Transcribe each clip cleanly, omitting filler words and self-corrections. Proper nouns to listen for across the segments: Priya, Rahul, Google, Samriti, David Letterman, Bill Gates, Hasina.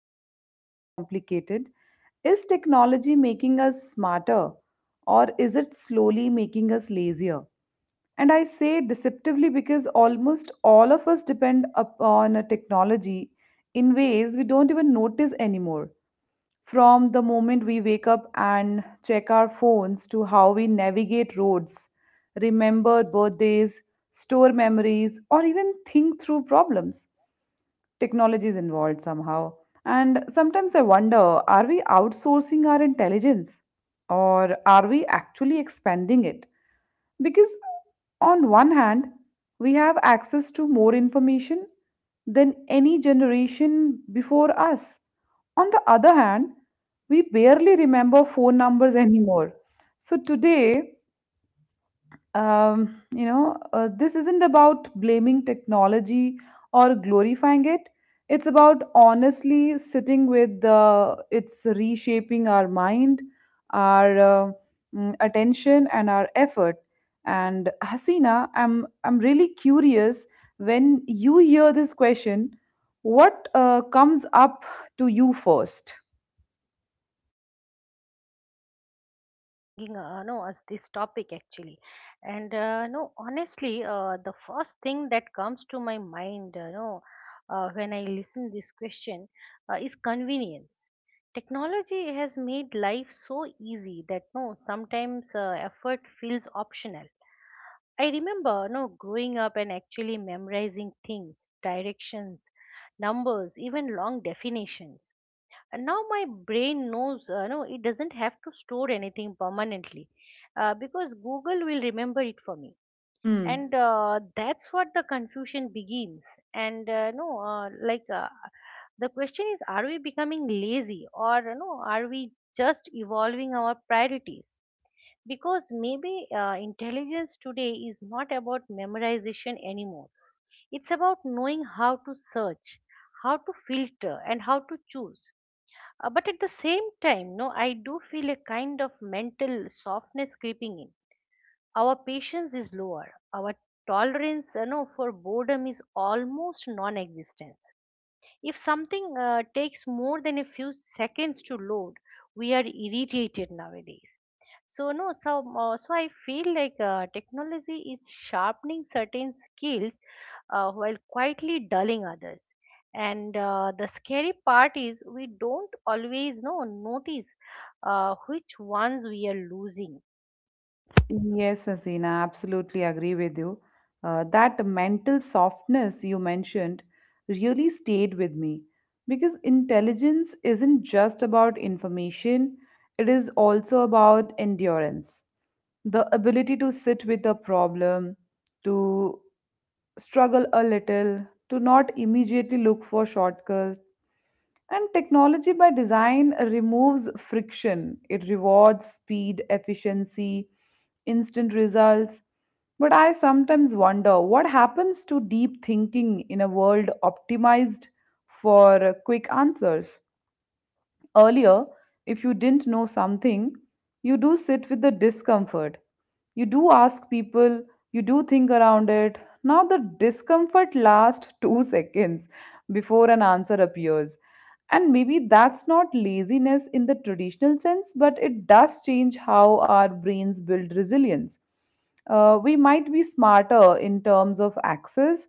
but deeply complicated. Is technology making us smarter, or is it slowly making us lazier? And I say deceptively because almost all of us depend upon a technology in ways we don't even notice anymore, from the moment we wake up and check our phones, to how we navigate roads, remember birthdays, store memories, or even think through problems. Technology is involved somehow. And sometimes I wonder, are we outsourcing our intelligence, or are we actually expanding it? Because, on one hand, we have access to more information than any generation before us. On the other hand, we barely remember phone numbers anymore. So today, this isn't about blaming technology or glorifying it. It's about honestly sitting with it's reshaping our mind, our uh, attention, and our effort. And Hasina, I'm really curious, when you hear this question, what comes up to you first? Bringing no us this topic actually. And no honestly, the first thing that comes to my mind no when I listen this question is convenience. Technology has made life so easy that no sometimes effort feels optional. I remember no growing up and actually memorizing things, directions, numbers, even long definitions. And now my brain knows it doesn't have to store anything permanently, because Google will remember it for me. Hmm. And that's what the confusion begins. And no like the question is, are we becoming lazy, or you know, are we just evolving our priorities? Because maybe intelligence today is not about memorization anymore. It's about knowing how to search, how to filter, and how to choose. But at the same time, no, I do feel a kind of mental softness creeping in. Our patience is lower. Our tolerance, you know, for boredom is almost non-existent. If something takes more than a few seconds to load, we are irritated nowadays. So no, so so I feel like technology is sharpening certain skills while quietly dulling others. And the scary part is we don't always know notice which ones we are losing. Yes, Hasina, absolutely agree with you. That mental softness you mentioned really stayed with me, because intelligence isn't just about information, it is also about endurance. The ability to sit with a problem, to struggle a little, to not immediately look for shortcuts. And technology by design removes friction. It rewards speed, efficiency, instant results. But I sometimes wonder what happens to deep thinking in a world optimized for quick answers. Earlier, if you didn't know something, you do sit with the discomfort. You do ask people, you do think around it. Now, the discomfort lasts 2 seconds before an answer appears. And maybe that's not laziness in the traditional sense, but it does change how our brains build resilience. We might be smarter in terms of access,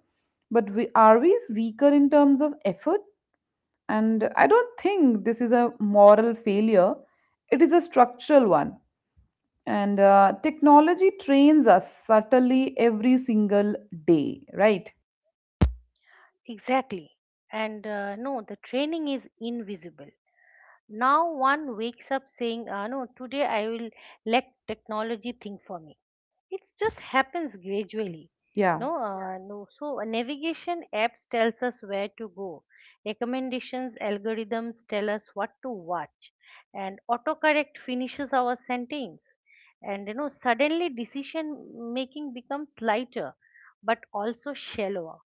but are we weaker in terms of effort? And I don't think this is a moral failure, it is a structural one. And technology trains us subtly every single day, right? Exactly. And no, the training is invisible. Now one wakes up saying, "No, today I will let technology think for me." It just happens gradually Yeah. no no so Navigation apps tells us where to go, recommendations algorithms tell us what to watch, and autocorrect finishes our sentence. And you know, suddenly decision making becomes lighter, but also shallower.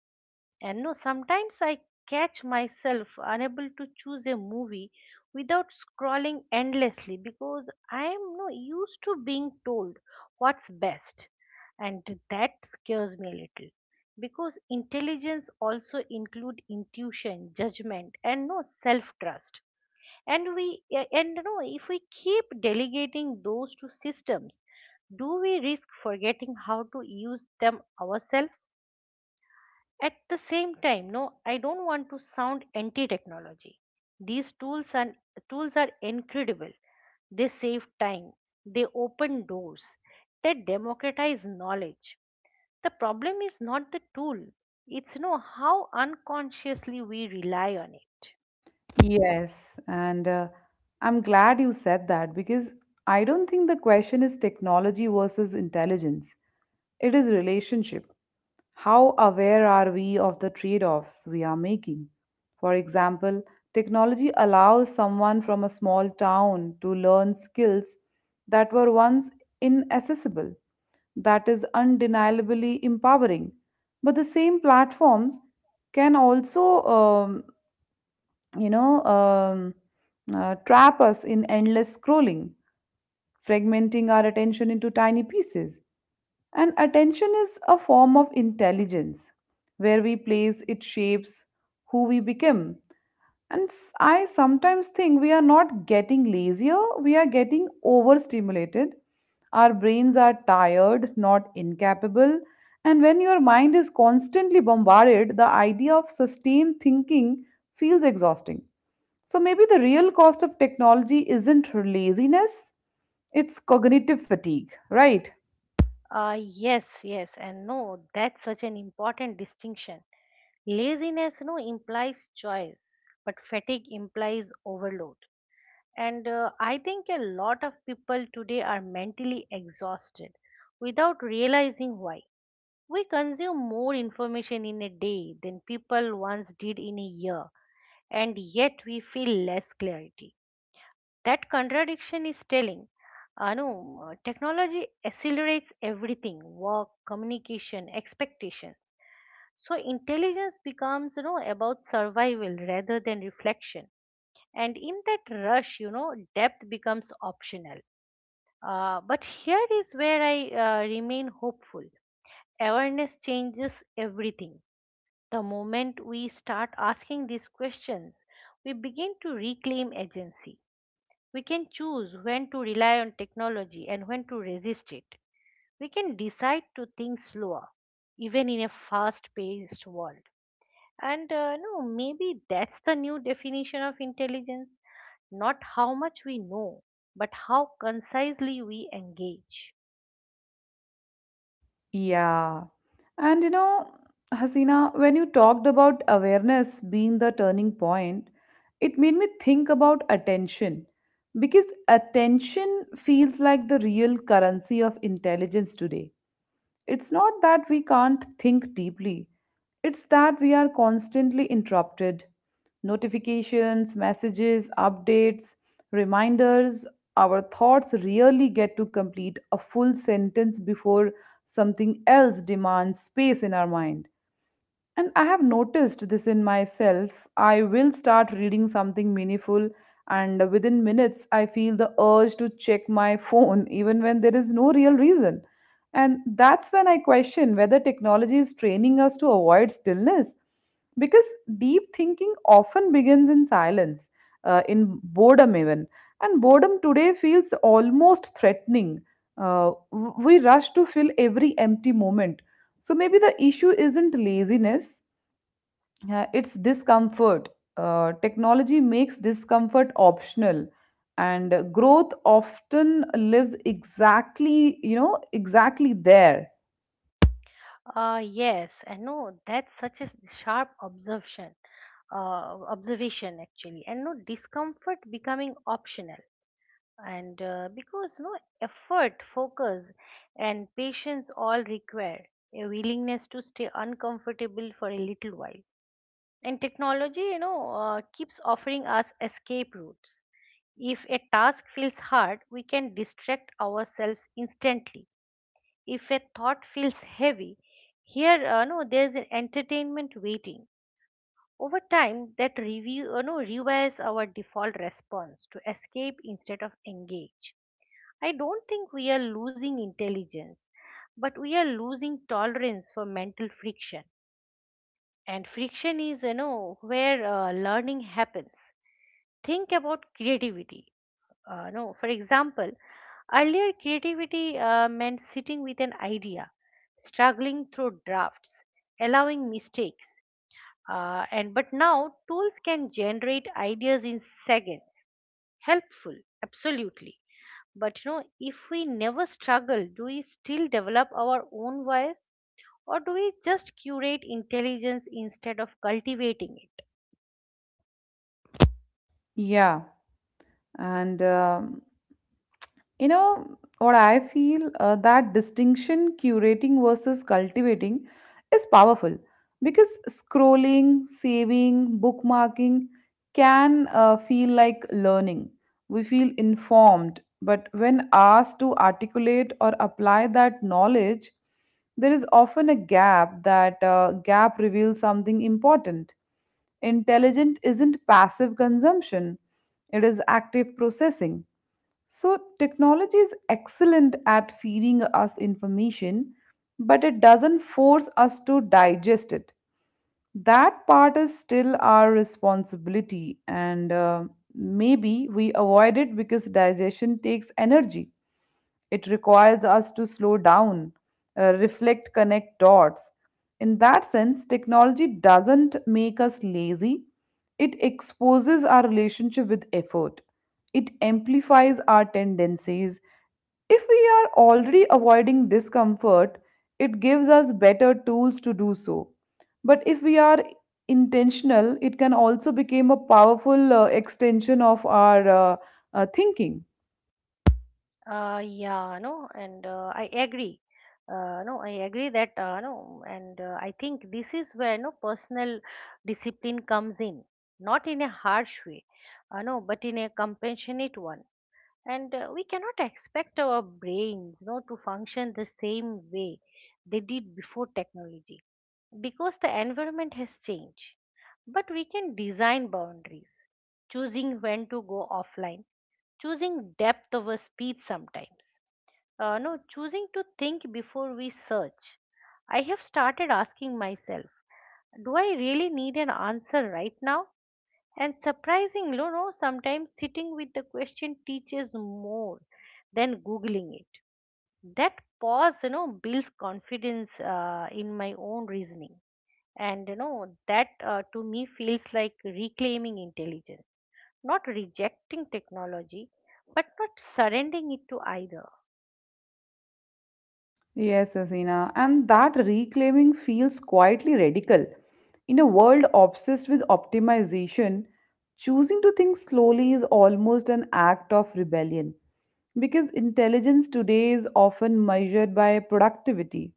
And no, sometimes I catch myself unable to choose a movie without scrolling endlessly because I am no used to being told what's best. And that scares me a little because intelligence also include intuition, judgment, and no self-trust. And we a- and no if we keep delegating those to systems, do we risk forgetting how to use them ourselves? At the same time, I don't want to sound anti-technology. These tools are incredible. They save time, they open doors, they democratize knowledge. The problem is not the tool, it's no how unconsciously we rely on it. Yes, and I'm glad you said that, because I don't think the question is technology versus intelligence. It is relationship. How aware are we of the trade-offs we are making? For example, technology allows someone from a small town to learn skills that were once inaccessible. That is undeniably empowering. But the same platforms can also you know, um, trap us in endless scrolling, fragmenting our attention into tiny pieces. And attention is a form of intelligence. Where we place it shapes who we become. And I sometimes think we are not getting lazier, we are getting overstimulated. Our brains are tired, not incapable. And when your mind is constantly bombarded, the idea of sustained thinking feels exhausting. So maybe the real cost of technology isn't laziness, it's cognitive fatigue, right? Yes, yes, and no, that's such an important distinction. Laziness, no, implies choice, but fatigue implies overload. And I think a lot of people today are mentally exhausted without realizing why. We consume more information in a day than people once did in a year, and yet we feel less clarity. That contradiction is telling. Anu, technology accelerates everything: work, communication, expectations. So intelligence becomes, you know, about survival rather than reflection. And in that rush, you know, depth becomes optional. But here is where I remain hopeful. Awareness changes everything. The moment we start asking these questions, we begin to reclaim agency. We can choose when to rely on technology and when to resist it. We can decide to think slower, even in a fast paced world. And no, maybe that's the new definition of intelligence: not how much we know, but how concisely we engage. Yeah. And you know, Hasina, when you talked about awareness being the turning point, it made me think about attention, because attention feels like the real currency of intelligence today. It's not that we can't think deeply, it's that we are constantly interrupted. Notifications, messages, updates, reminders, our thoughts really get to complete a full sentence before something else demands space in our mind. And I have noticed this in myself. I will start reading something meaningful, and within minutes, I feel the urge to check my phone, even when there is no real reason. And that's when I question whether technology is training us to avoid stillness. Because deep thinking often begins in silence, in boredom, even. And boredom today feels almost threatening. We rush to fill every empty moment. So maybe the issue isn't laziness, it's discomfort. Technology makes discomfort optional, and growth often lives exactly there. Yes, I know that's such a sharp uh, observation actually, and no discomfort becoming optional. And because no effort, focus, and patience all require a willingness to stay uncomfortable for a little while, and technology, you know, keeps offering us escape routes. If a task feels hard, we can distract ourselves instantly. If a thought feels heavy, here no there's an entertainment waiting. Over time, that review no rewires our default response to escape instead of engage. I don't think we are losing intelligence, but we are losing tolerance for mental friction. And friction is, you know, where learning happens. Think about creativity. No, For example, earlier creativity meant sitting with an idea, struggling through drafts, allowing mistakes. And But now tools can generate ideas in seconds. Helpful, absolutely. But you know, if we never struggle, do we still develop our own voice, or do we just curate intelligence instead of cultivating it? Yeah. And you know, what I feel, that distinction, curating versus cultivating, is powerful, because scrolling, saving, bookmarking can feel like learning. We feel informed, but when asked to articulate or apply that knowledge, there is often a gap. That gap reveals something important. Intelligent isn't passive consumption, it is active processing. So, technology is excellent at feeding us information, but it doesn't force us to digest it. That part is still our responsibility, and maybe we avoid it because digestion takes energy. It requires us to slow down, reflect, connect dots. In that sense, technology doesn't make us lazy, it exposes our relationship with effort, it amplifies our tendencies. If we are already avoiding discomfort, it gives us better tools to do so. But if we are intentional, it can also become a powerful extension of our thinking. Yeah, and I agree. No, I agree that no, and I think this is where no personal discipline comes in, not in a harsh way, no, but in a compassionate one. And we cannot expect our brains, you know, to function the same way they did before technology, because the environment has changed. But we can design boundaries: choosing when to go offline, choosing depth over speed sometimes, no choosing to think before we search. I have started asking myself, do I really need an answer right now? And surprisingly, you know, sometimes sitting with the question teaches more than Googling it. That pause, you know, builds confidence in my own reasoning. And you know, that to me feels like reclaiming intelligence, not rejecting technology, but not surrendering it to either. Yes, Asina. And that reclaiming feels quietly radical. In a world obsessed with optimization, choosing to think slowly is almost an act of rebellion, because intelligence today is often measured by productivity,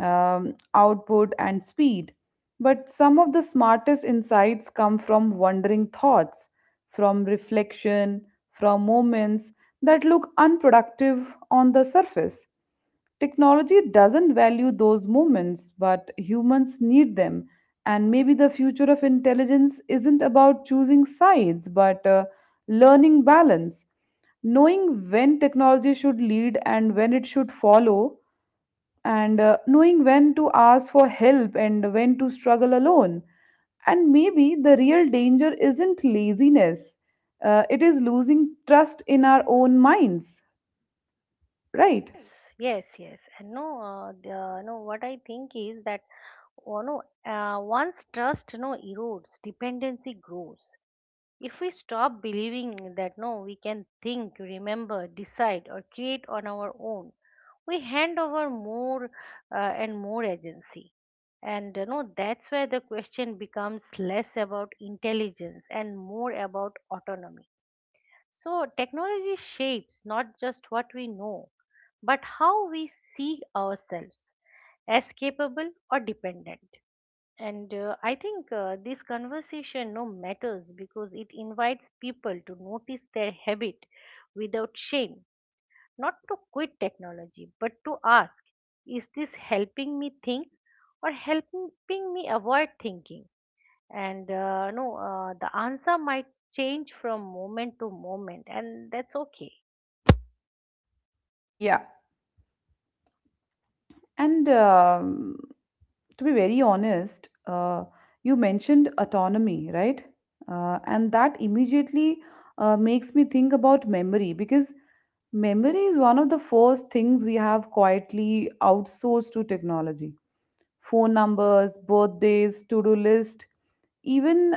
output, and speed. But some of the smartest insights come from wandering thoughts, from reflection, from moments that look unproductive on the surface. Technology doesn't value those moments, but humans need them. And maybe the future of intelligence isn't about choosing sides, but learning balance, knowing when technology should lead and when it should follow, and knowing when to ask for help and when to struggle alone. And maybe the real danger isn't laziness, it is losing trust in our own minds, right? Yes, right. Yes, yes. And no, the, no, what I think is that oh, no, once trust erodes, dependency grows. If we stop believing that no, we can think, remember, decide, or create on our own, we hand over more and more agency. And you know, that's where the question becomes less about intelligence and more about autonomy. So technology shapes not just what we know, but how we see ourselves, as capable or dependent. And I think this conversation no matters because it invites people to notice their habit without shame, not to quit technology, but to ask, is this helping me think or helping me avoid thinking? And no the answer might change from moment to moment, and that's okay. Yeah. And to be very honest, you mentioned autonomy, right? And that immediately makes me think about memory, because memory is one of the first things we have quietly outsourced to technology: phone numbers, birthdays, to-do list, even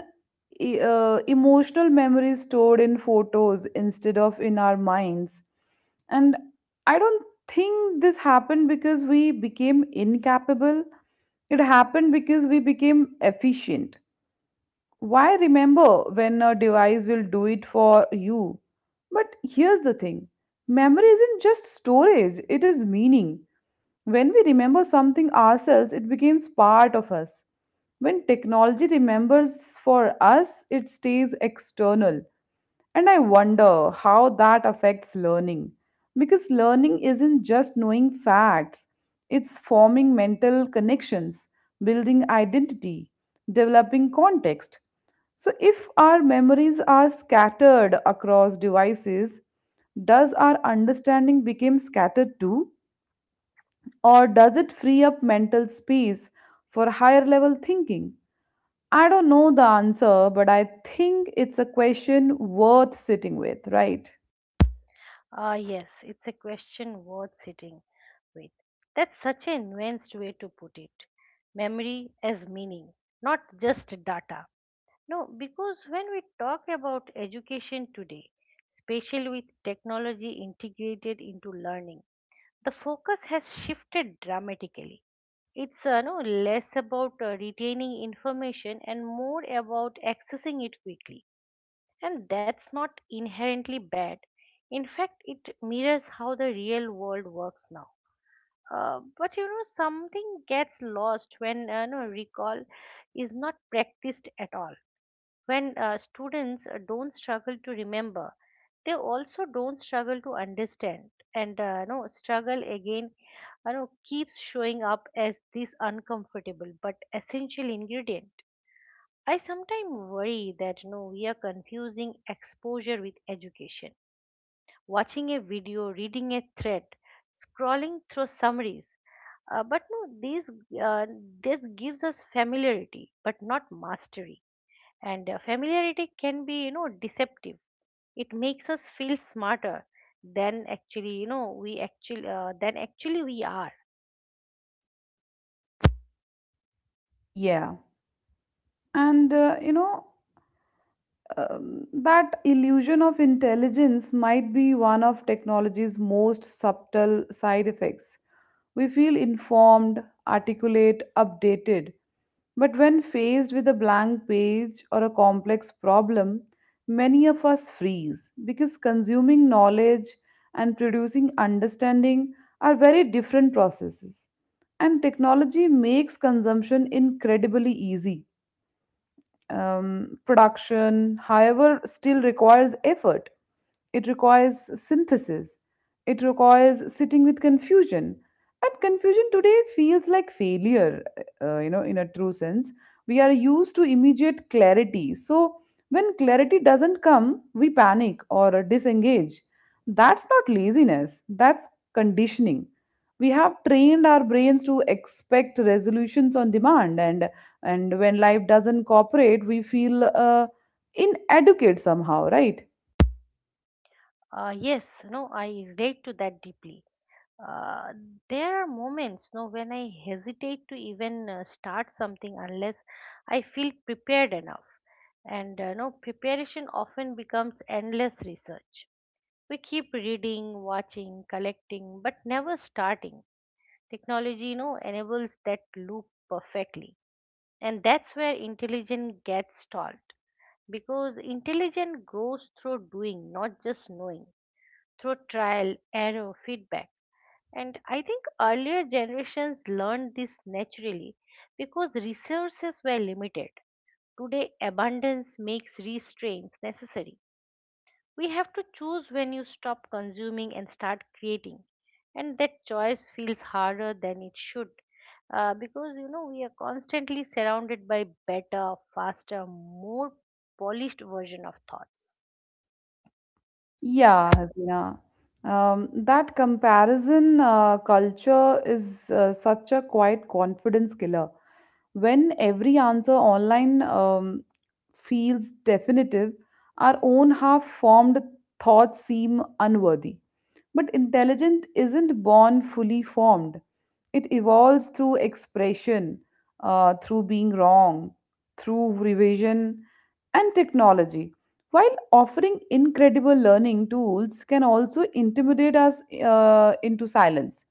emotional memories stored in photos instead of in our minds. And I don't think this happened because we became incapable. It happened because we became efficient. Why remember when a device will do it for you? But here's the thing: memory isn't just storage, it is meaning. When we remember something ourselves, it becomes part of us. When technology remembers for us, it stays external. And I wonder how that affects learning. Because learning isn't just knowing facts, it's forming mental connections, building identity, developing context. So, if our memories are scattered across devices, does our understanding become scattered too? Or does it free up mental space for higher level thinking? I don't know the answer, but I think it's a question worth sitting with, right? Ah, yes, it's a question worth sitting with. That's such a nuanced way to put it. Memory as meaning, not just data. No, because when we talk about education today, especially with technology integrated into learning, the focus has shifted dramatically. It's no less about retaining information and more about accessing it quickly, and that's not inherently bad. In fact, it mirrors how the real world works now. But you know, something gets lost when recall is not practiced at all. When students don't struggle to remember, they also don't struggle to understand. And no struggle again, you know, keeps showing up as this uncomfortable but essential ingredient. I sometimes worry that, you know, we are confusing exposure with education. Watching a video, reading a thread, scrolling through summaries. But no, this uh, this gives us familiarity, but not mastery. And familiarity can be, you know, deceptive. It makes us feel smarter than actually we are. Yeah. And, that illusion of intelligence might be one of technology's most subtle side effects. We feel informed, articulate, updated. But when faced with a blank page or a complex problem, many of us freeze, because consuming knowledge and producing understanding are very different processes. And technology makes consumption incredibly easy. Production, however, still requires effort. It requires synthesis. It requires sitting with confusion. And confusion today feels like failure, in a true sense. We are used to immediate clarity. So when clarity doesn't come, we panic or disengage. That's not laziness, that's conditioning. We have trained our brains to expect resolutions on demand, and when life doesn't cooperate, we feel inadequate somehow, right? Yes, no, I relate to that deeply. Uh, there are moments, no, when I hesitate to even start something unless I feel prepared enough. And no, preparation often becomes endless research. We keep reading, watching, collecting, but never starting. Technology, you know, enables that loop perfectly, and that's where intelligence gets stalled because intelligence grows through doing, not just knowing, through trial, error, feedback. And I think earlier generations learned this naturally because resources were limited. Today, abundance makes restraints necessary. We have to choose when you stop consuming and start creating. And that choice feels harder than it should. Because you know, we are constantly surrounded by better, faster, more polished version of thoughts. Yeah, Hasina. That comparison culture is such a quiet confidence killer. When every answer online feels definitive, our own half formed thoughts seem unworthy. But intelligence isn't born fully formed, it evolves through expression, through being wrong, through revision, and technology, while offering incredible learning tools, can also intimidate us into silence.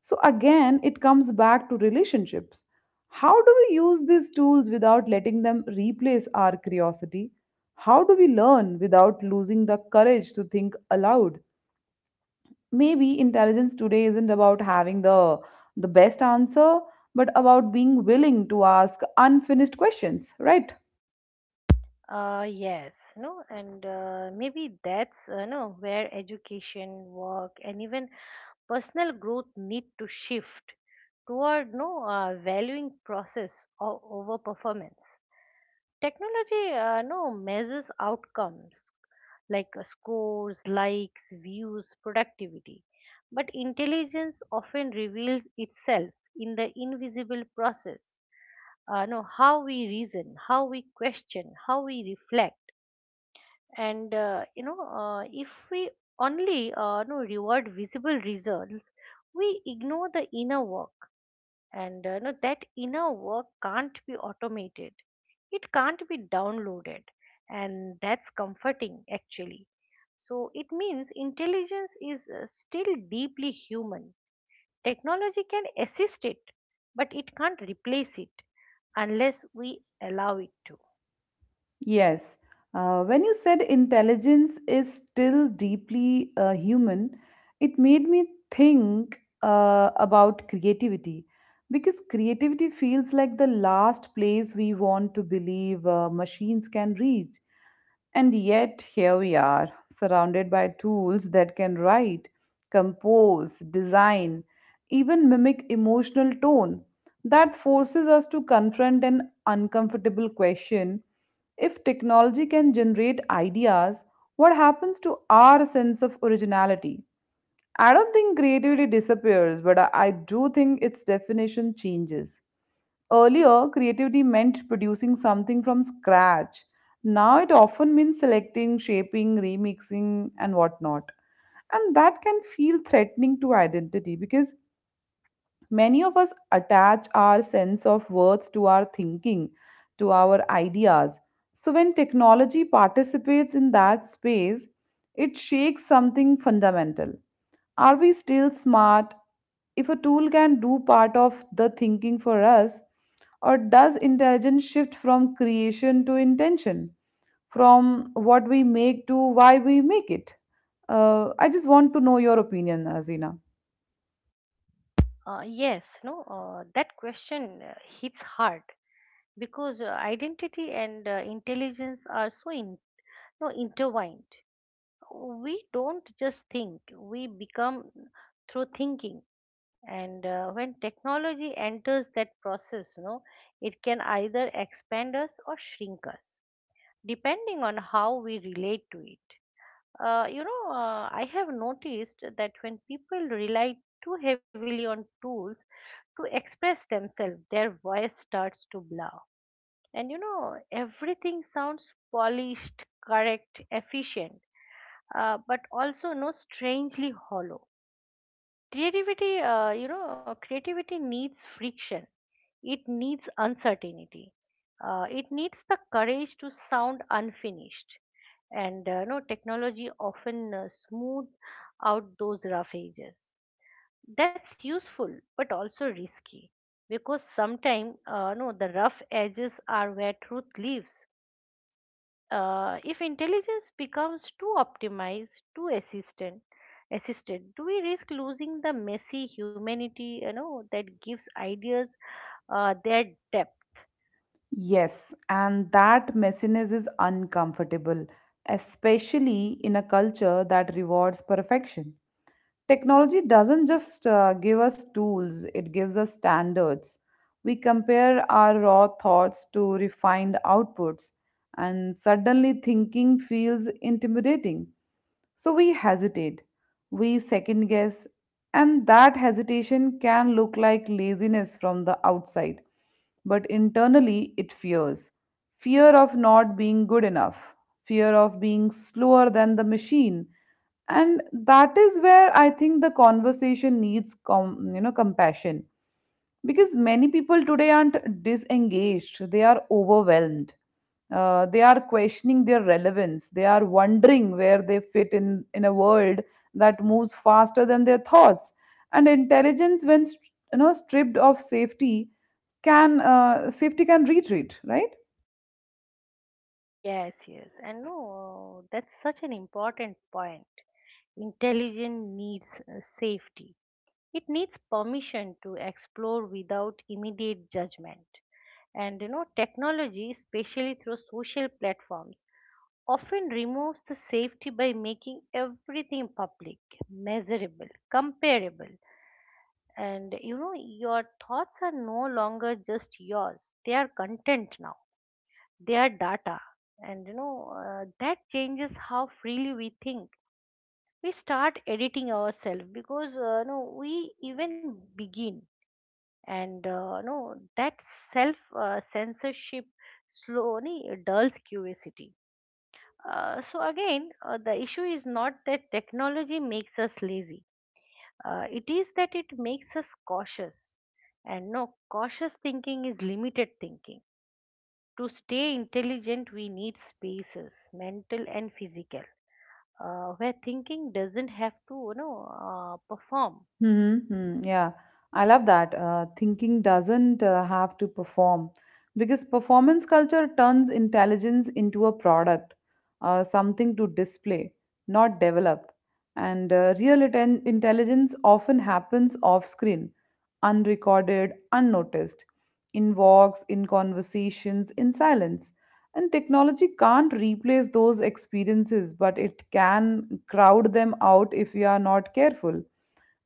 So, again, it comes back to relationships. How do we use these tools without letting them replace our curiosity? How do we learn without losing the courage to think aloud? Maybe intelligence today isn't about having the best answer, but about being willing to ask unfinished questions, right? Yes, and maybe that's no where education, work, and even personal growth need to shift toward no valuing process over performance. Technology no measures outcomes like scores, likes, views, productivity, but intelligence often reveals itself in the invisible process, no how we reason, how we question, how we reflect. And you know, if we only no reward visible results, we ignore the inner work. And that inner work can't be automated, it can't be downloaded, and that's comforting actually. So it means intelligence is still deeply human. Technology can assist it, but it can't replace it unless we allow it to. Yes. When you said intelligence is still deeply human, it made me think about creativity, because creativity feels like the last place we want to believe machines can reach. And yet, here we are, surrounded by tools that can write, compose, design, even mimic emotional tone. That forces us to confront an uncomfortable question: if technology can generate ideas, what happens to our sense of originality? I don't think creativity disappears, but I do think its definition changes. Earlier, creativity meant producing something from scratch. Now it often means selecting, shaping, remixing, and whatnot. And that can feel threatening to identity, because many of us attach our sense of worth to our thinking, to our ideas. So, when technology participates in that space, it shakes something fundamental. Are we still smart if a tool can do part of the thinking for us? Or does intelligence shift from creation to intention, from what we make to why we make it? I just want to know your opinion, Azina. Yes, no, that question hits hard because identity and intelligence are so in, no, intertwined. We don't just think, we become through thinking. And when technology enters that process, no, it can either expand us or shrink us, depending on how we relate to it. You know, I have noticed that when people rely too heavily on tools to express themselves, their voice starts to blur. And you know, everything sounds polished, correct, efficient, but also no strangely hollow. Creativity needs friction. It needs uncertainty. It needs the courage to sound unfinished. And no, technology often smooths out those rough edges. That's useful, but also risky because sometimes, no, the rough edges are where truth lives. If intelligence becomes too optimized, too assisted, do we risk losing the messy humanity, that gives ideas their depth? Yes, and that messiness is uncomfortable, especially in a culture that rewards perfection. Technology doesn't just give us tools, it gives us standards. We compare our raw thoughts to refined outputs, and suddenly thinking feels intimidating. So we hesitate, we second guess, and that hesitation can look like laziness from the outside, but internally it fears. Fear of not being good enough, fear of being slower than the machine, and that is where I think the conversation needs compassion, because many people today aren't disengaged, they are overwhelmed. They are questioning their relevance, they are wondering where they fit in a world that moves faster than their thoughts. And intelligence, when stripped of safety, can safety can retreat, right? Yes, yes, and no, that's such an important point. Intelligence needs safety. It needs permission to explore without immediate judgment. And technology, especially through social platforms, often removes the safety by making everything public, measurable, comparable. And your thoughts are no longer just yours, they are content now, they are data. And that changes how freely we think. We start editing ourselves because no, we even begin, and no, that self censorship slowly dulls curiosity. So again, the issue is not that technology makes us lazy. It is that it makes us cautious. And no, cautious thinking is limited thinking. To stay intelligent, we need spaces, mental and physical, where thinking doesn't have to, perform. Mm-hmm. Hmm. Mm-hmm. Yeah, I love that. Thinking doesn't have to perform because performance culture turns intelligence into a product, something to display, not develop. And real intelligence often happens off screen, unrecorded, unnoticed, in walks, in conversations, in silence. And technology can't replace those experiences, but it can crowd them out if we are not careful.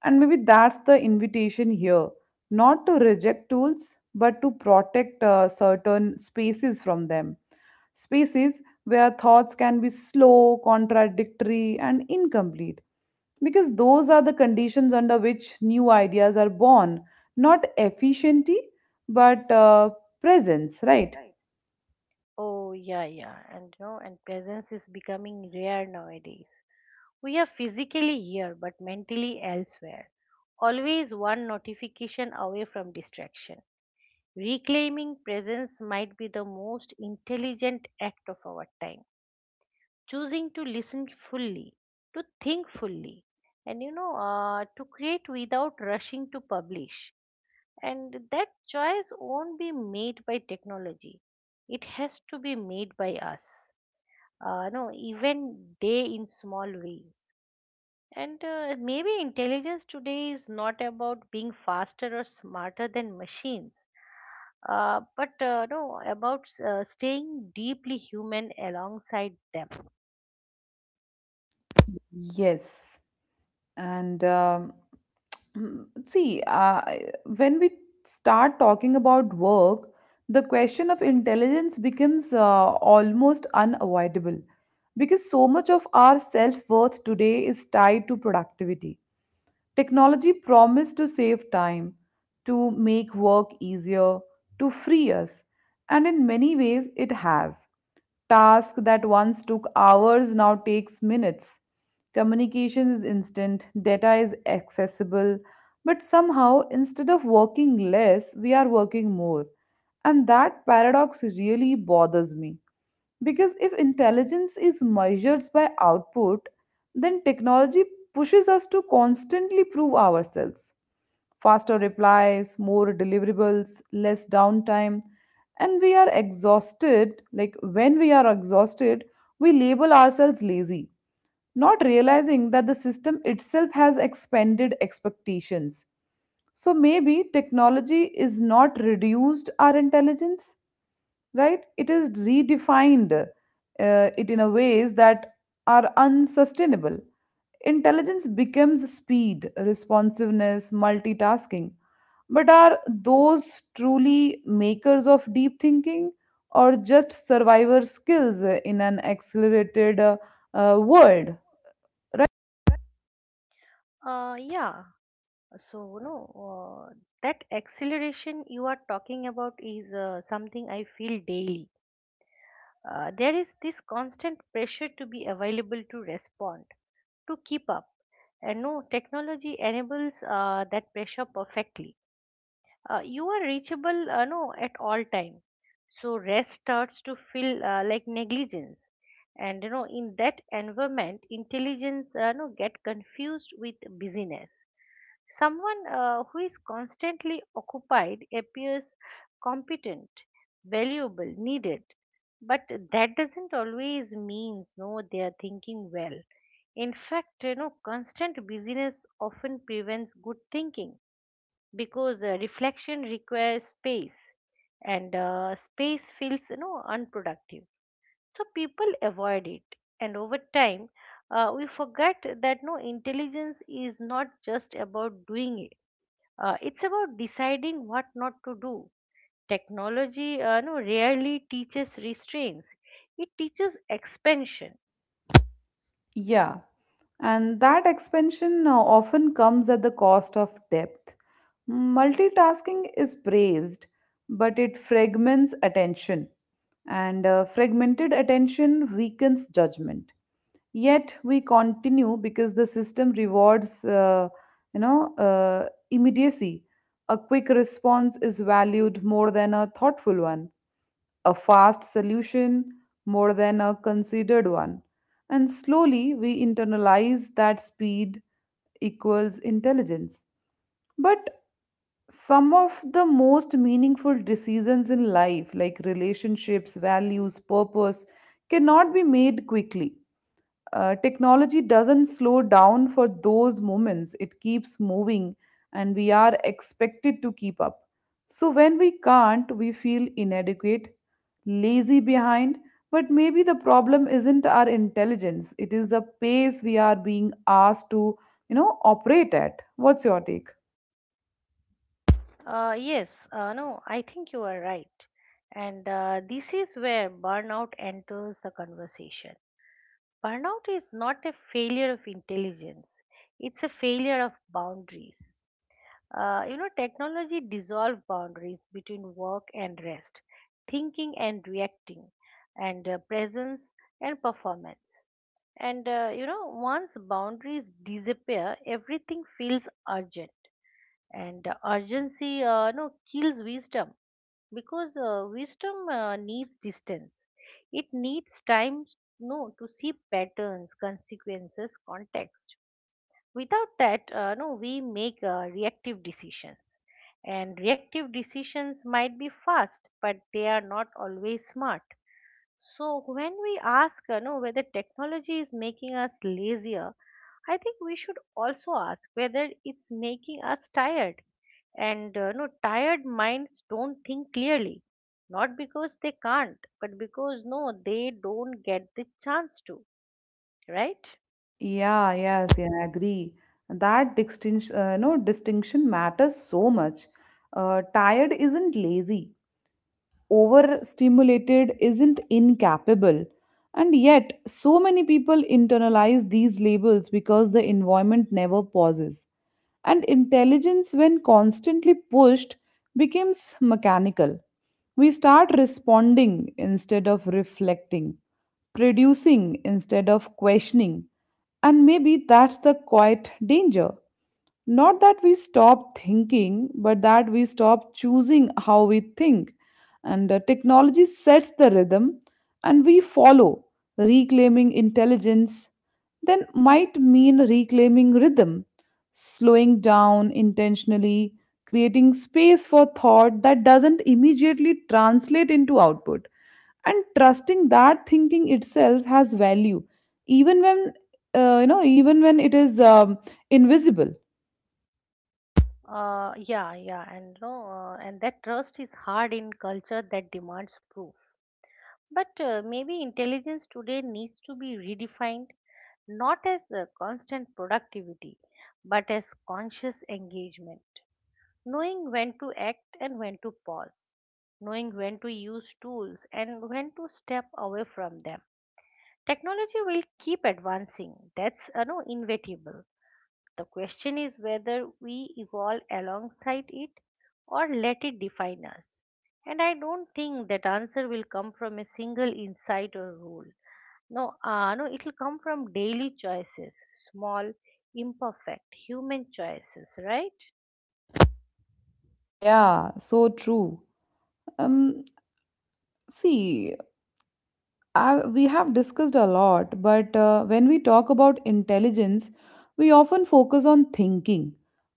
And maybe that's the invitation here, not to reject tools, but to protect certain spaces from them. Spaces where thoughts can be slow, contradictory, and incomplete. Because those are the conditions under which new ideas are born, not efficiency, but presence, right? Right. Oh yeah, yeah, and presence is becoming rare nowadays. We are physically here but mentally elsewhere, always one notification away from distraction. Reclaiming presence might be the most intelligent act of our time. Choosing to listen fully, to think fully, and to create without rushing to publish. And that choice won't be made by technology, it has to be made by us. No, even day in small ways. And maybe intelligence today is not about being faster or smarter than machines, but no, about staying deeply human alongside them. Yes. And Mm, see, when we start talking about work, the question of intelligence becomes almost unavoidable because so much of our self worth today is tied to productivity. Technology promised to save time, to make work easier, to free us, and in many ways it has. Task that once took hours now takes minutes. Communication is instant, data is accessible, but somehow instead of working less, we are working more. And that paradox really bothers me. Because if intelligence is measured by output, then technology pushes us to constantly prove ourselves, faster replies, more deliverables, less downtime. And we are exhausted, like when we are exhausted, we label ourselves lazy, not realizing that the system itself has expanded expectations. So maybe technology is not reduced our intelligence, right? It is redefined it in a ways that are unsustainable. Intelligence becomes speed, responsiveness, multitasking, but are those truly makers of deep thinking or just survivor skills in an accelerated world? Yeah, so no, uh, that acceleration you are talking about is something I feel daily. There is this constant pressure to be available to respond, to keep up. And no, technology enables that pressure perfectly. You are reachable no at all time, so rest starts to feel like negligence. And, in that environment intelligence no get confused with busyness. Someone who is constantly occupied appears competent, valuable, needed, but that doesn't always means no they are thinking well. In fact, constant busyness often prevents good thinking because reflection requires space, and space feels unproductive, so people avoid it. And over time we forget that no intelligence is not just about doing it, it's about deciding what not to do. Technology no rarely teaches restraints, it teaches expansion. Yeah, and that expansion often comes at the cost of depth. Multitasking is praised, but it fragments attention, and fragmented attention weakens judgment. Yet we continue because the system rewards, immediacy. A quick response is valued more than a thoughtful one, a fast solution more than a considered one. And slowly we internalize that speed equals intelligence. But some of the most meaningful decisions in life, like relationships, values, purpose, cannot be made quickly. Technology doesn't slow down for those moments, it keeps moving, and we are expected to keep up. So, when we can't, we feel inadequate, lazy behind, but maybe the problem isn't our intelligence, it is the pace we are being asked to, operate at. What's your take? Yes, no, I think you are right. And this is where burnout enters the conversation. Burnout is not a failure of intelligence, it's a failure of boundaries. Technology dissolved boundaries between work and rest, thinking and reacting, and presence and performance. And once boundaries disappear, everything feels urgent. And urgency no kills wisdom because wisdom needs distance, it needs time, no, to see patterns, consequences, context. Without that no we make reactive decisions. And reactive decisions might be fast but they are not always smart. So when we ask, whether technology is making us lazier, I think we should also ask whether it's making us tired. And tired minds don't think clearly, not because they can't, but because no, they don't get the chance to, right? Yeah, yes, yeah, I agree. That distinction, no, distinction matters so much. Tired isn't lazy. Overstimulated isn't incapable. And yet, so many people internalize these labels because the environment never pauses. And intelligence, when constantly pushed, becomes mechanical. We start responding instead of reflecting, producing instead of questioning. And maybe that's the quiet danger. Not that we stop thinking, but that we stop choosing how we think. And technology sets the rhythm, and we follow. Reclaiming intelligence then might mean reclaiming rhythm, slowing down intentionally, creating space for thought that doesn't immediately translate into output, and trusting that thinking itself has value, even when even when it is invisible. Yeah, yeah, and no, and that trust is hard in culture that demands proof. But maybe intelligence today needs to be redefined, not as constant productivity, but as conscious engagement. Knowing when to act and when to pause, knowing when to use tools and when to step away from them. Technology will keep advancing, that's no, inevitable. The question is whether we evolve alongside it or let it define us. And I don't think that answer will come from a single insight or rule. No, no, it will come from daily choices, small, imperfect human choices, right? Yeah, so true. Um, See, we have discussed a lot, but when we talk about intelligence, we often focus on thinking,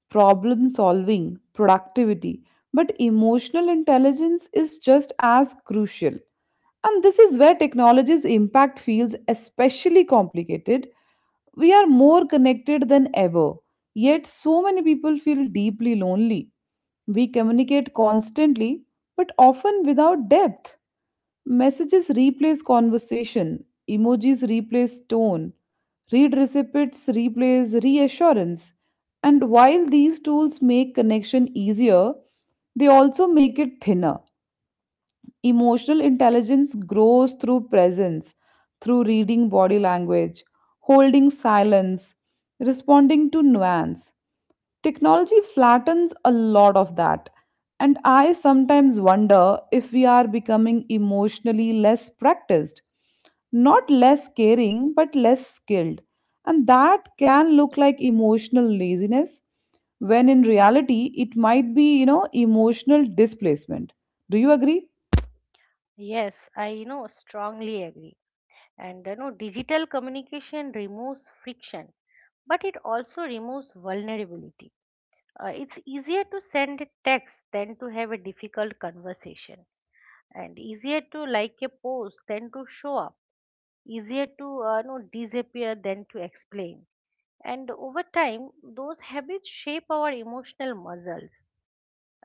problem solving, productivity. But emotional intelligence is just as crucial. And this is where technology's impact feels especially complicated. We are more connected than ever, yet, so many people feel deeply lonely. We communicate constantly, but often without depth. Messages replace conversation, emojis replace tone, read recipients replace reassurance. And while these tools make connection easier, they also make it thinner. Emotional intelligence grows through presence, through reading body language, holding silence, responding to nuance. Technology flattens a lot of that. And I sometimes wonder if we are becoming emotionally less practiced, not less caring, but less skilled. And that can look like emotional laziness, when in reality, it might be, you know, emotional displacement. Do you agree? Yes, I strongly agree. And digital communication removes friction, but it also removes vulnerability. It's easier to send a text than to have a difficult conversation, and easier to like a post than to show up, easier to disappear than to explain. And over time those habits shape our emotional muscles.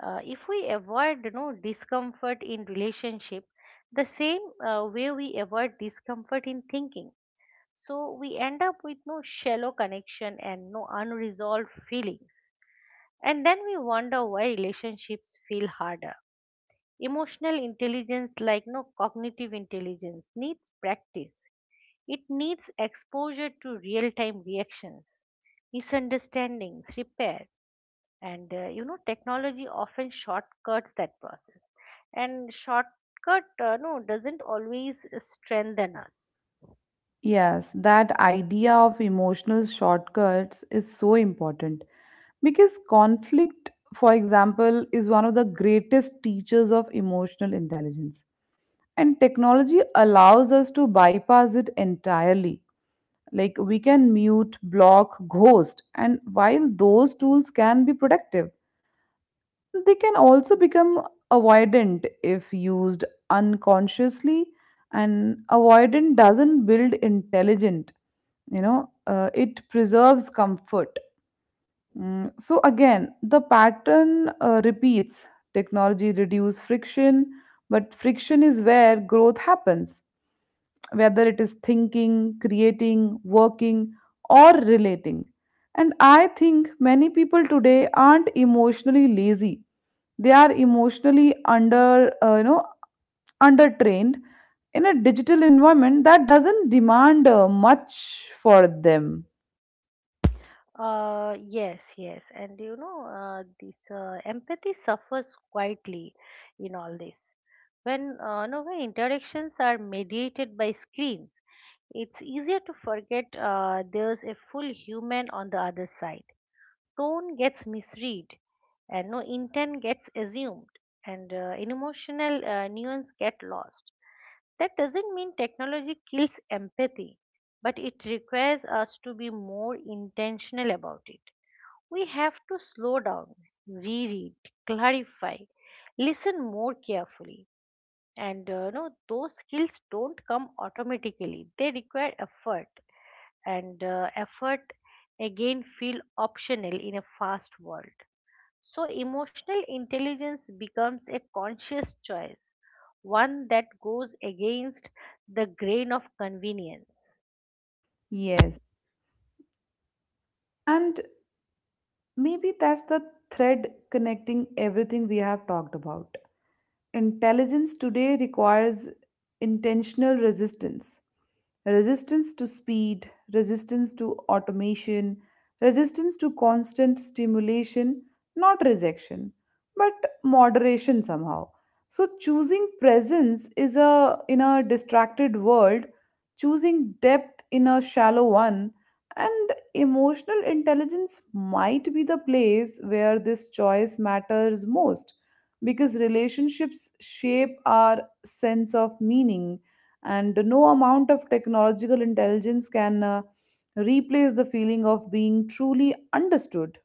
If we avoid discomfort in relationship, the same way we avoid discomfort in thinking, so we end up with no shallow connection and no unresolved feelings. And then we wonder why relationships feel harder. Emotional intelligence, like no cognitive intelligence, needs practice. It needs exposure to real time reactions, misunderstandings, repair. And technology often shortcuts that process, and shortcut no doesn't always strengthen us. Yes, that idea of emotional shortcuts is so important because conflict, for example, is one of the greatest teachers of emotional intelligence. And technology allows us to bypass it entirely. Like we can mute, block, ghost, and while those tools can be productive, they can also become avoidant if used unconsciously. And avoidant doesn't build intelligent, you know, it preserves comfort. So again the pattern repeats, technology reduce friction, but friction is where growth happens, whether it is thinking, creating, working, or relating. And I think many people today aren't emotionally lazy, they are emotionally undertrained in a digital environment that doesn't demand much for them. Yes, yes, and this empathy suffers quietly in all this. When no, when interactions are mediated by screens, it's easier to forget there's a full human on the other side. Tone gets misread, and no intent gets assumed, and an emotional nuance get lost. That doesn't mean technology kills empathy, but it requires us to be more intentional about it. We have to slow down, reread, clarify, listen more carefully. And no, those skills don't come automatically, they require effort. And effort again feel optional in a fast world. So, emotional intelligence becomes a conscious choice, one that goes against the grain of convenience. Yes. And maybe that's the thread connecting everything we have talked about. Intelligence today requires intentional resistance, resistance to speed, resistance to automation, resistance to constant stimulation, not rejection, but moderation somehow. So choosing presence is a in a distracted world, choosing depth in a shallow one, and emotional intelligence might be the place where this choice matters most because relationships shape our sense of meaning and no amount of technological intelligence can replace the feeling of being truly understood.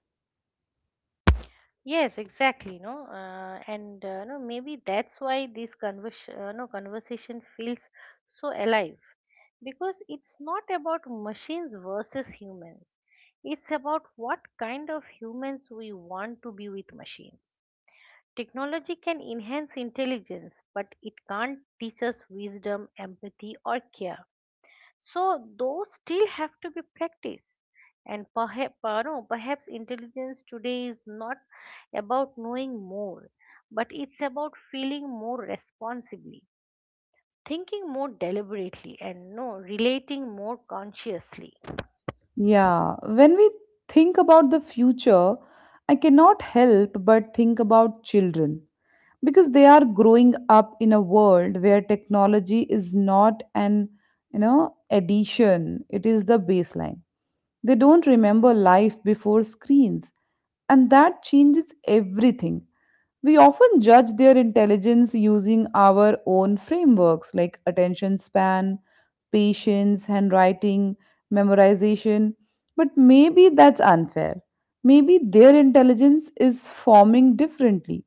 Yes, exactly. No, and no, maybe that's why this convers- no, conversation feels so alive, because it's not about machines versus humans. It's about what kind of humans we want to be with machines. Technology can enhance intelligence, but it can't teach us wisdom, empathy, or care. So, those still have to be practiced. And perhaps, no, perhaps intelligence today is not about knowing more, but it's about feeling more responsibly, thinking more deliberately, and no, relating more consciously. Yeah, when we think about the future, I cannot help but think about children because they are growing up in a world where technology is not an, you know, addition, it is the baseline. They don't remember life before screens. And that changes everything. We often judge their intelligence using our own frameworks like attention span, patience, handwriting, memorization, but maybe that's unfair. Maybe their intelligence is forming differently.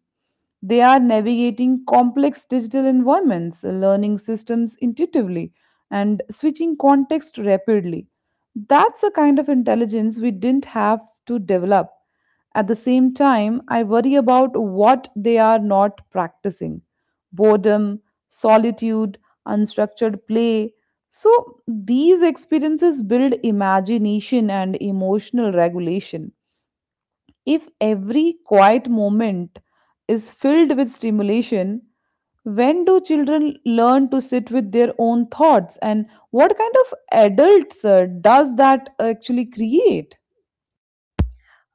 They are navigating complex digital environments, learning systems intuitively, and switching context rapidly. That's a kind of intelligence we didn't have to develop. At the same time, I worry about what they are not practicing, boredom, solitude, unstructured play. So, these experiences build imagination and emotional regulation. If every quiet moment is filled with stimulation, when do children learn to sit with their own thoughts? And what kind of adults does that actually create?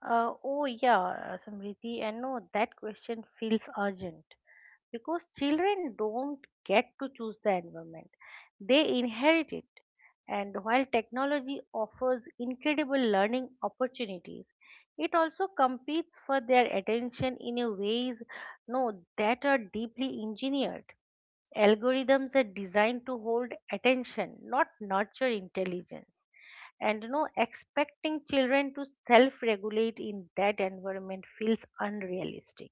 Oh, yeah, Samriti, and no, that question feels urgent because children don't get to choose the environment, they inherit it. And while technology offers incredible learning opportunities, it also competes for their attention in a ways no that are deeply engineered. Algorithms are designed to hold attention, not nurture intelligence. And, expecting children to self regulate in that environment feels unrealistic.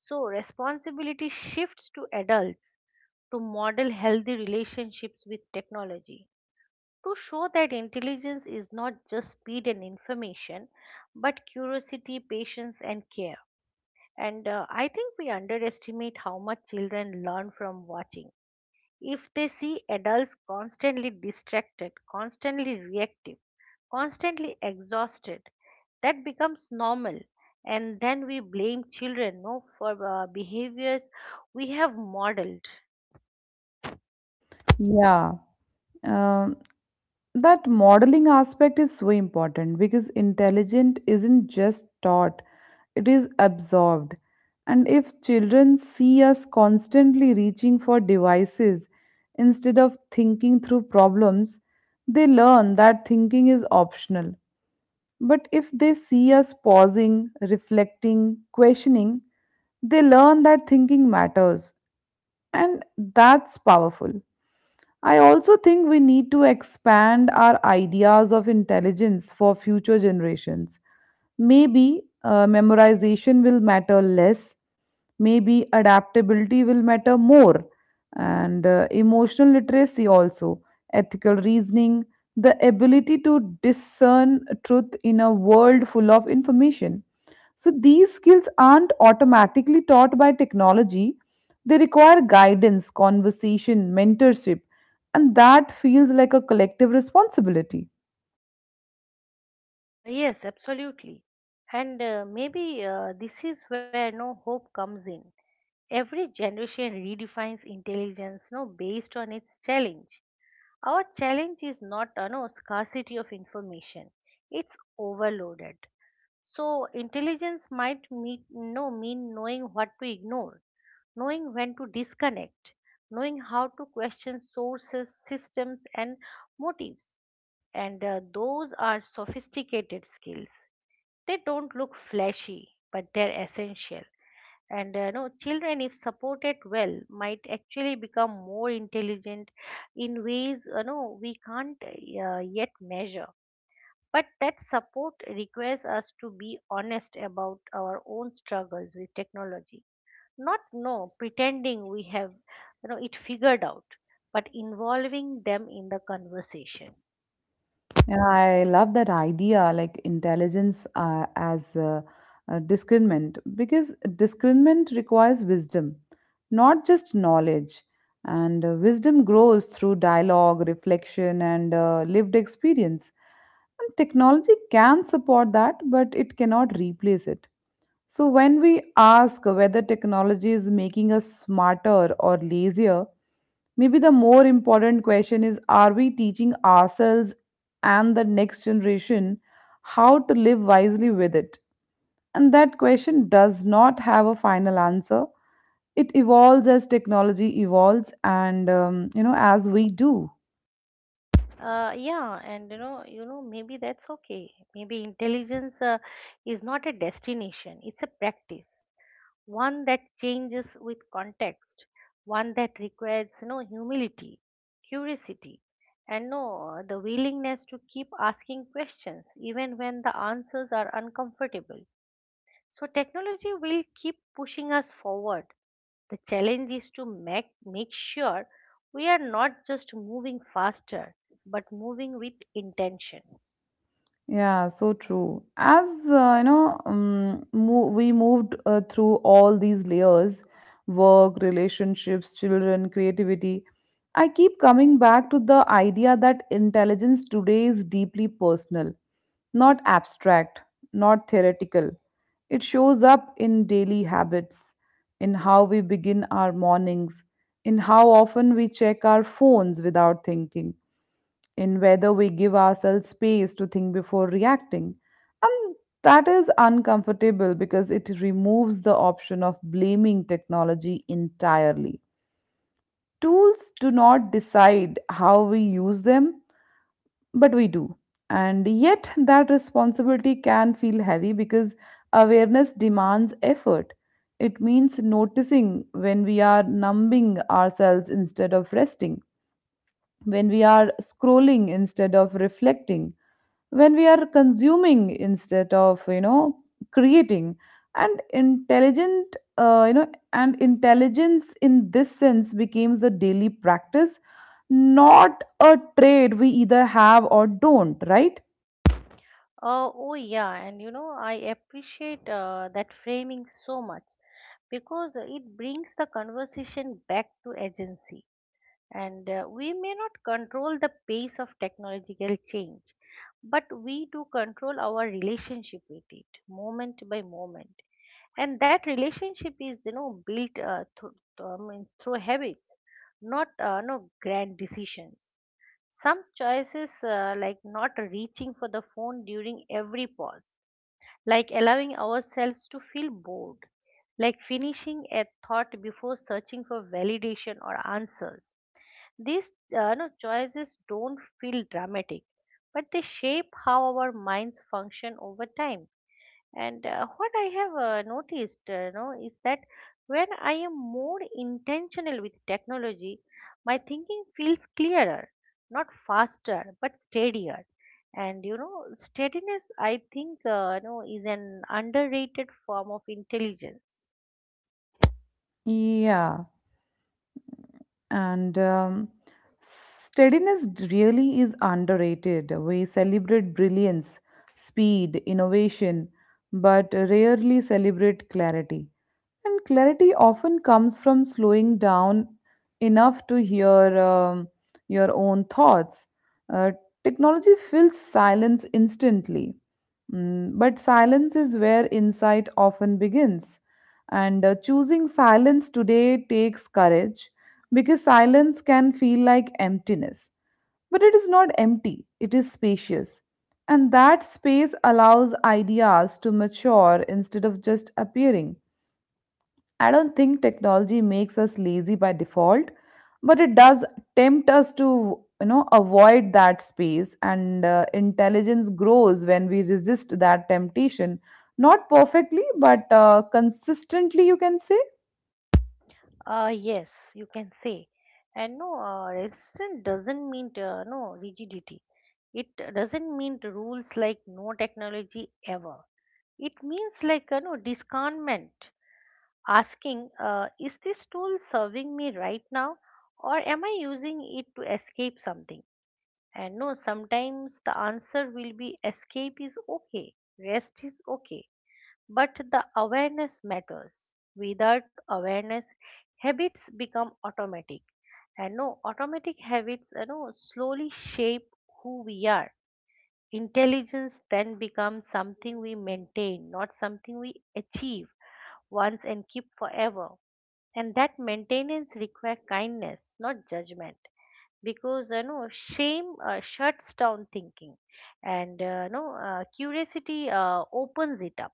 So, responsibility shifts to adults, to model healthy relationships with technology, to show that intelligence is not just speed and information, but curiosity, patience, and care. And I think we underestimate how much children learn from watching. If they see adults constantly distracted, constantly reactive, constantly exhausted, that becomes normal. And then we blame children no for behaviors we have modeled. Yeah. Um, that modeling aspect is so important because intelligent isn't just taught, it is absorbed. And if children see us constantly reaching for devices instead of thinking through problems, they learn that thinking is optional. But if they see us pausing, reflecting, questioning, they learn that thinking matters. And that's powerful. I also think we need to expand our ideas of intelligence for future generations. Maybe memorization will matter less, maybe adaptability will matter more, and emotional literacy also, ethical reasoning, the ability to discern truth in a world full of information. So these skills aren't automatically taught by technology. They require guidance, conversation, mentorship, and that feels like a collective responsibility. Yes, absolutely. And maybe this is where no hope comes in. Every generation redefines intelligence no based on its challenge. Our challenge is not no scarcity of information, it's overloaded. So intelligence might meet, no, mean knowing what to ignore, knowing when to disconnect, knowing how to question sources, systems, and motives. And those are sophisticated skills. They don't look flashy, but they're essential. And no, children, if supported well, might actually become more intelligent in ways we can't yet measure. But that support requires us to be honest about our own struggles with technology. Not no pretending we have it figured out, but involving them in the conversation. Yeah, I love that idea, like intelligence as discernment, because discernment requires wisdom, not just knowledge. And wisdom grows through dialogue, reflection, and lived experience. And technology can support that, but it cannot replace it. So, when we ask whether technology is making us smarter or lazier, maybe the more important question is are we teaching ourselves and the next generation how to live wisely with it? And that question does not have a final answer. It evolves as technology evolves and, as we do. Yeah, and maybe that's okay. Maybe intelligence is not a destination; it's a practice, one that changes with context, one that requires humility, curiosity, and no the willingness to keep asking questions even when the answers are uncomfortable. So technology will keep pushing us forward. The challenge is to make sure we are not just moving faster, but moving with intention. Yeah, so true. As you know, mo- We moved through all these layers, work, relationships, children, creativity. I keep coming back to the idea that intelligence today is deeply personal, not abstract, not theoretical. It shows up in daily habits, in how we begin our mornings, in how often we check our phones without thinking, in whether we give ourselves space to think before reacting. And that is uncomfortable because it removes the option of blaming technology entirely. Tools do not decide how we use them, but we do. And yet, that responsibility can feel heavy because awareness demands effort. It means noticing when we are numbing ourselves instead of resting, when we are scrolling instead of reflecting, when we are consuming instead of creating. And intelligent you know And intelligence in this sense becomes the daily practice, not a trade we either have or don't, right? Oh yeah, and I appreciate that framing so much because it brings the conversation back to agency. And we may not control the pace of technological change, but we do control our relationship with it moment by moment. And that relationship is, built means through habits, not no grand decisions. Some choices, like not reaching for the phone during every pause, like allowing ourselves to feel bored, like finishing a thought before searching for validation or answers. These no, choices don't feel dramatic, but they shape how our minds function over time. And what I have noticed, is that when I am more intentional with technology, my thinking feels clearer, not faster, but steadier. And steadiness, I think, is an underrated form of intelligence. Yeah. and Steadiness really is underrated. We celebrate brilliance, speed, innovation, but rarely celebrate clarity. And clarity often comes from slowing down enough to hear your own thoughts. Uh, Technology fills silence instantly. But silence is where insight often begins. And Choosing silence today takes courage because silence can feel like emptiness. But it is not empty, it is spacious. And that space allows ideas to mature instead of just appearing. I don't think technology makes us lazy by default, but it does tempt us to, avoid that space. And Intelligence grows when we resist that temptation. Not perfectly, but consistently, you can say. Yes, you can say. And no, resistance doesn't mean no rigidity. It doesn't mean the rules like no technology ever. It means like discernment, asking, is this tool serving me right now, or am I using it to escape something? And no, sometimes the answer will be escape is okay, rest is okay, but the awareness matters. Without awareness, habits become automatic, and no automatic habits slowly shape who we are. Intelligence then becomes something we maintain, not something we achieve once and keep forever. And that maintenance requires kindness, not judgment. Because shame shuts down thinking, and no curiosity opens it up.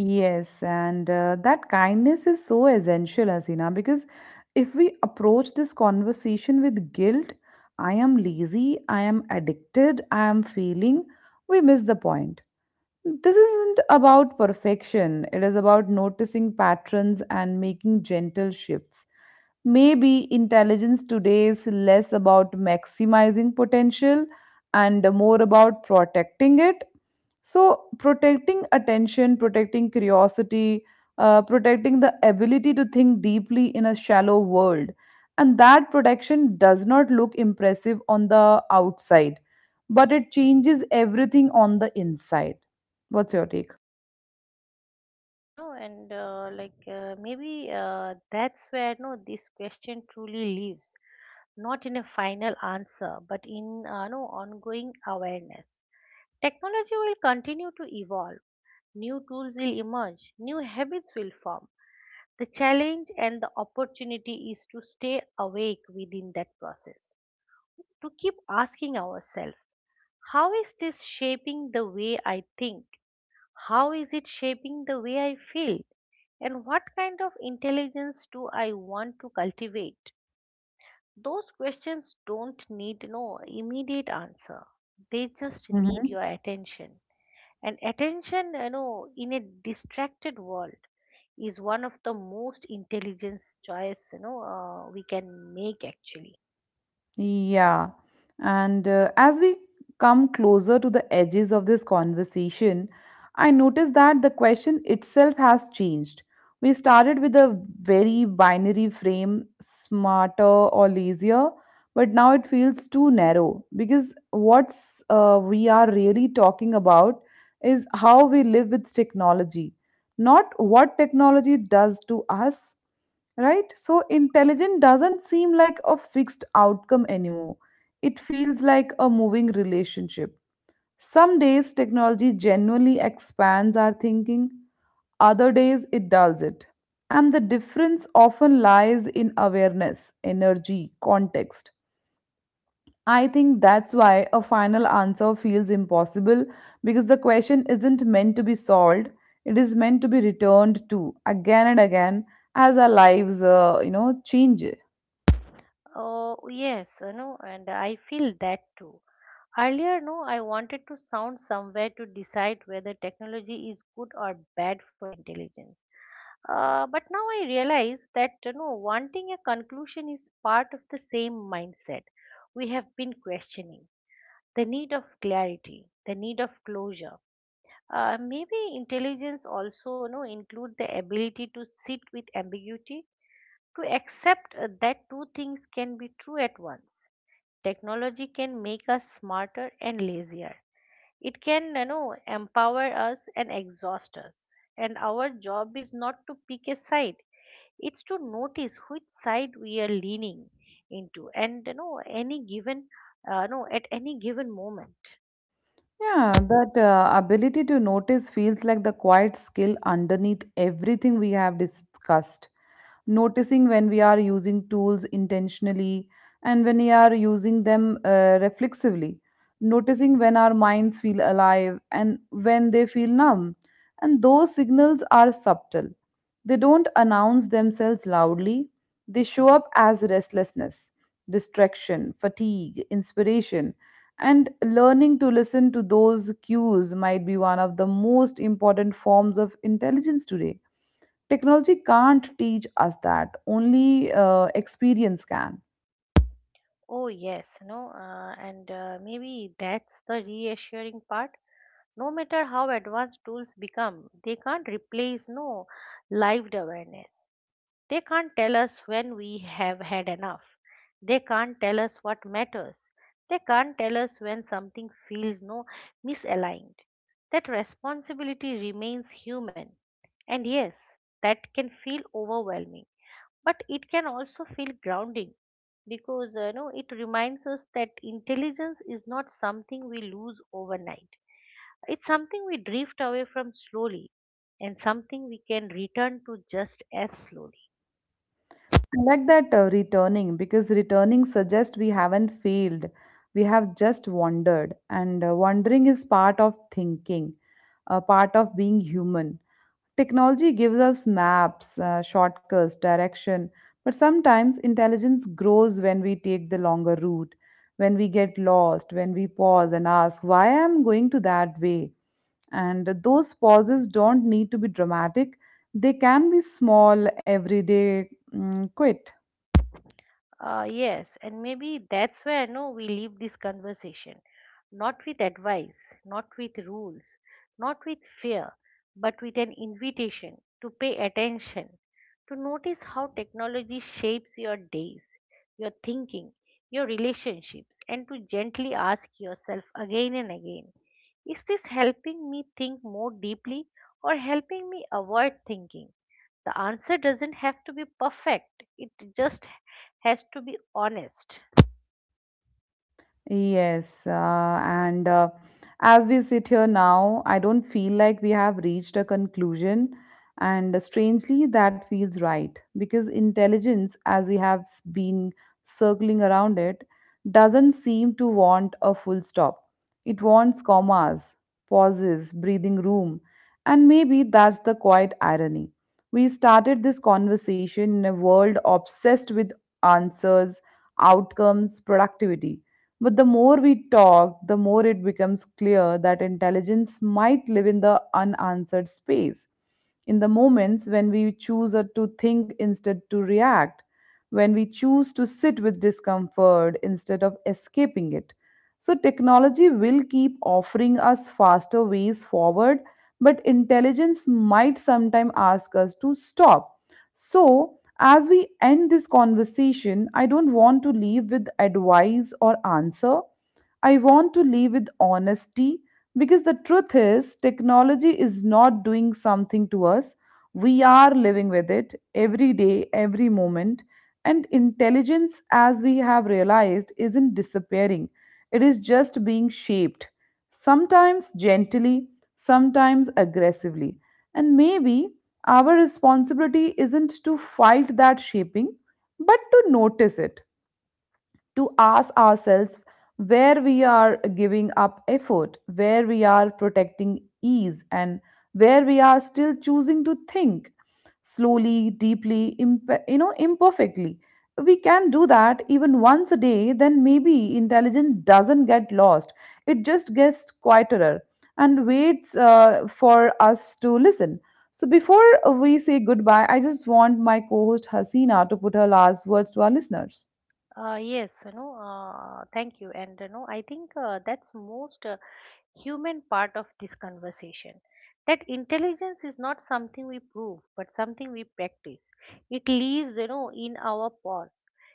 Yes, and that kindness is so essential, Asina, because if we approach this conversation with guilt — I am lazy, I am addicted, I am failing — we miss the point. This isn't about perfection, it is about noticing patterns and making gentle shifts. Maybe intelligence today is less about maximizing potential and more about protecting it. So, protecting attention, protecting curiosity, protecting the ability to think deeply in a shallow world. And that protection does not look impressive on the outside, but it changes everything on the inside. What's your take? You know, and like maybe that's where no this question truly lives, not in a final answer, but in no ongoing awareness. Technology will continue to evolve, new tools will emerge, new habits will form. The challenge and the opportunity is to stay awake within that process, to keep asking ourselves, how is this shaping the way I think? How is it shaping the way I feel? And what kind of intelligence do I want to cultivate? Those questions don't need no immediate answer, they just need Hmm. your attention. And attention, in a distracted world is one of the most intelligent choice, we can make actually. Yeah. And as we come closer to the edges of this conversation, I notice that the question itself has changed. We started with a very binary frame, smarter or lazier, but now it feels too narrow because what's we are really talking about is how we live with technology, not what technology does to us, right? So, intelligence doesn't seem like a fixed outcome anymore. It feels like a moving relationship. Some days technology genuinely expands our thinking, other days it dulls it. And the difference often lies in awareness, energy, context. I think that's why a final answer feels impossible, because the question isn't meant to be solved. It is meant to be returned to again and again as our lives, change. Oh, yes, and I feel that too. Earlier, no, I wanted to sound somewhere to decide whether technology is good or bad for intelligence. But now I realize that wanting a conclusion is part of the same mindset we have been questioning, the need of clarity, the need of closure. Maybe intelligence also include the ability to sit with ambiguity, to accept that two things can be true at once. Technology can make us smarter and lazier. It can empower us and exhaust us. And our job is not to pick a side. It's to notice which side we are leaning into, and you know any given, no at any given moment. Yeah, that ability to notice feels like the quiet skill underneath everything we have discussed. Noticing when we are using tools intentionally and when we are using them reflexively. Noticing when our minds feel alive and when they feel numb. And those signals are subtle. They don't announce themselves loudly, they show up as restlessness, distraction, fatigue, inspiration. And learning to listen to those cues might be one of the most important forms of intelligence today. Technology can't teach us that, only experience can. Oh, yes, no, and maybe that's the reassuring part. No matter how advanced tools become, they can't replace no lived awareness. They can't tell us when we have had enough. They can't tell us what matters. They can't tell us when something feels no misaligned. That responsibility remains human. And yes, that can feel overwhelming, but it can also feel grounding because it reminds us that intelligence is not something we lose overnight. It's something we drift away from slowly, and something we can return to just as slowly. I like that returning, because returning suggests we haven't failed, we have just wandered, and wandering is part of thinking, a part of being human. Technology gives us maps, shortcuts, direction, but sometimes intelligence grows when we take the longer route, when we get lost, when we pause and ask, why am I going to that way? And those pauses don't need to be dramatic, they can be small, everyday quit. Yes, and maybe that's where no we leave this conversation, not with advice, not with rules, not with fear, but with an invitation to pay attention, to notice how technology shapes your days, your thinking, your relationships, and to gently ask yourself again and again, is this helping me think more deeply, or helping me avoid thinking? The answer doesn't have to be perfect, it just has to be honest. Yes, and as we sit here now, I don't feel like we have reached a conclusion, and strangely, that feels right because intelligence, as we have been circling around it, doesn't seem to want a full stop. It wants commas, pauses, breathing room, and maybe that's the quiet irony. We started this conversation in a world obsessed with answers, outcomes, productivity, but the more we talk, the more it becomes clear that intelligence might live in the unanswered space, in the moments when we choose to think instead to react, when we choose to sit with discomfort instead of escaping it. So, technology will keep offering us faster ways forward, but intelligence might sometime ask us to stop. So, as we end this conversation, I don't want to leave with advice or answer. I want to leave with honesty, because the truth is, technology is not doing something to us. We are living with it every day, every moment. And intelligence, as we have realized, isn't disappearing, it is just being shaped, sometimes gently, sometimes aggressively. And maybe our responsibility isn't to fight that shaping, but to notice it, to ask ourselves where we are giving up effort, where we are protecting ease, and where we are still choosing to think slowly, deeply, imperfectly. We can do that even once a day, then maybe intelligence doesn't get lost. It just gets quieter and waits for us to listen. So before we say goodbye, I just want my co-host Hasina to put her last words to our listeners. Yes, thank you. And I think that's most human part of this conversation, that intelligence is not something we prove but something we practice. It lives in our pause,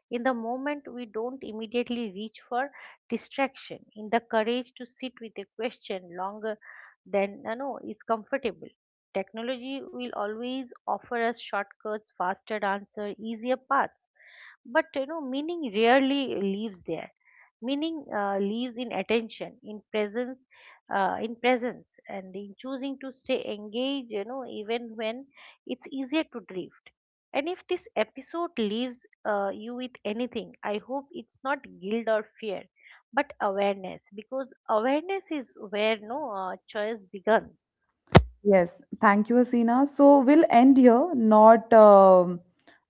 in the moment we don't immediately reach for distraction, in the courage to sit with a question longer than is comfortable. Technology will always offer us shortcuts, faster answer, easier paths, but meaning rarely lives there. Meaning lives in attention, in presence, and in choosing to stay engaged, even when it's easier to drift. And if this episode leaves you with anything, I hope it's not guilt or fear, but awareness, because awareness is where no choice begun. Yes, thank you, Asina. So we'll end here, not um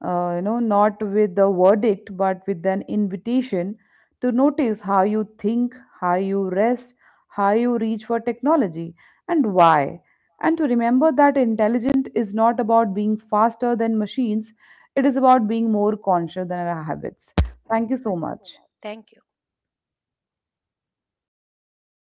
uh, you know, not with a verdict, but with an invitation to notice how you think, how you rest, how you reach for technology, and why. And to remember that intelligent is not about being faster than machines; it is about being more conscious than our habits. Thank you so Thank you so much. much. Thank you.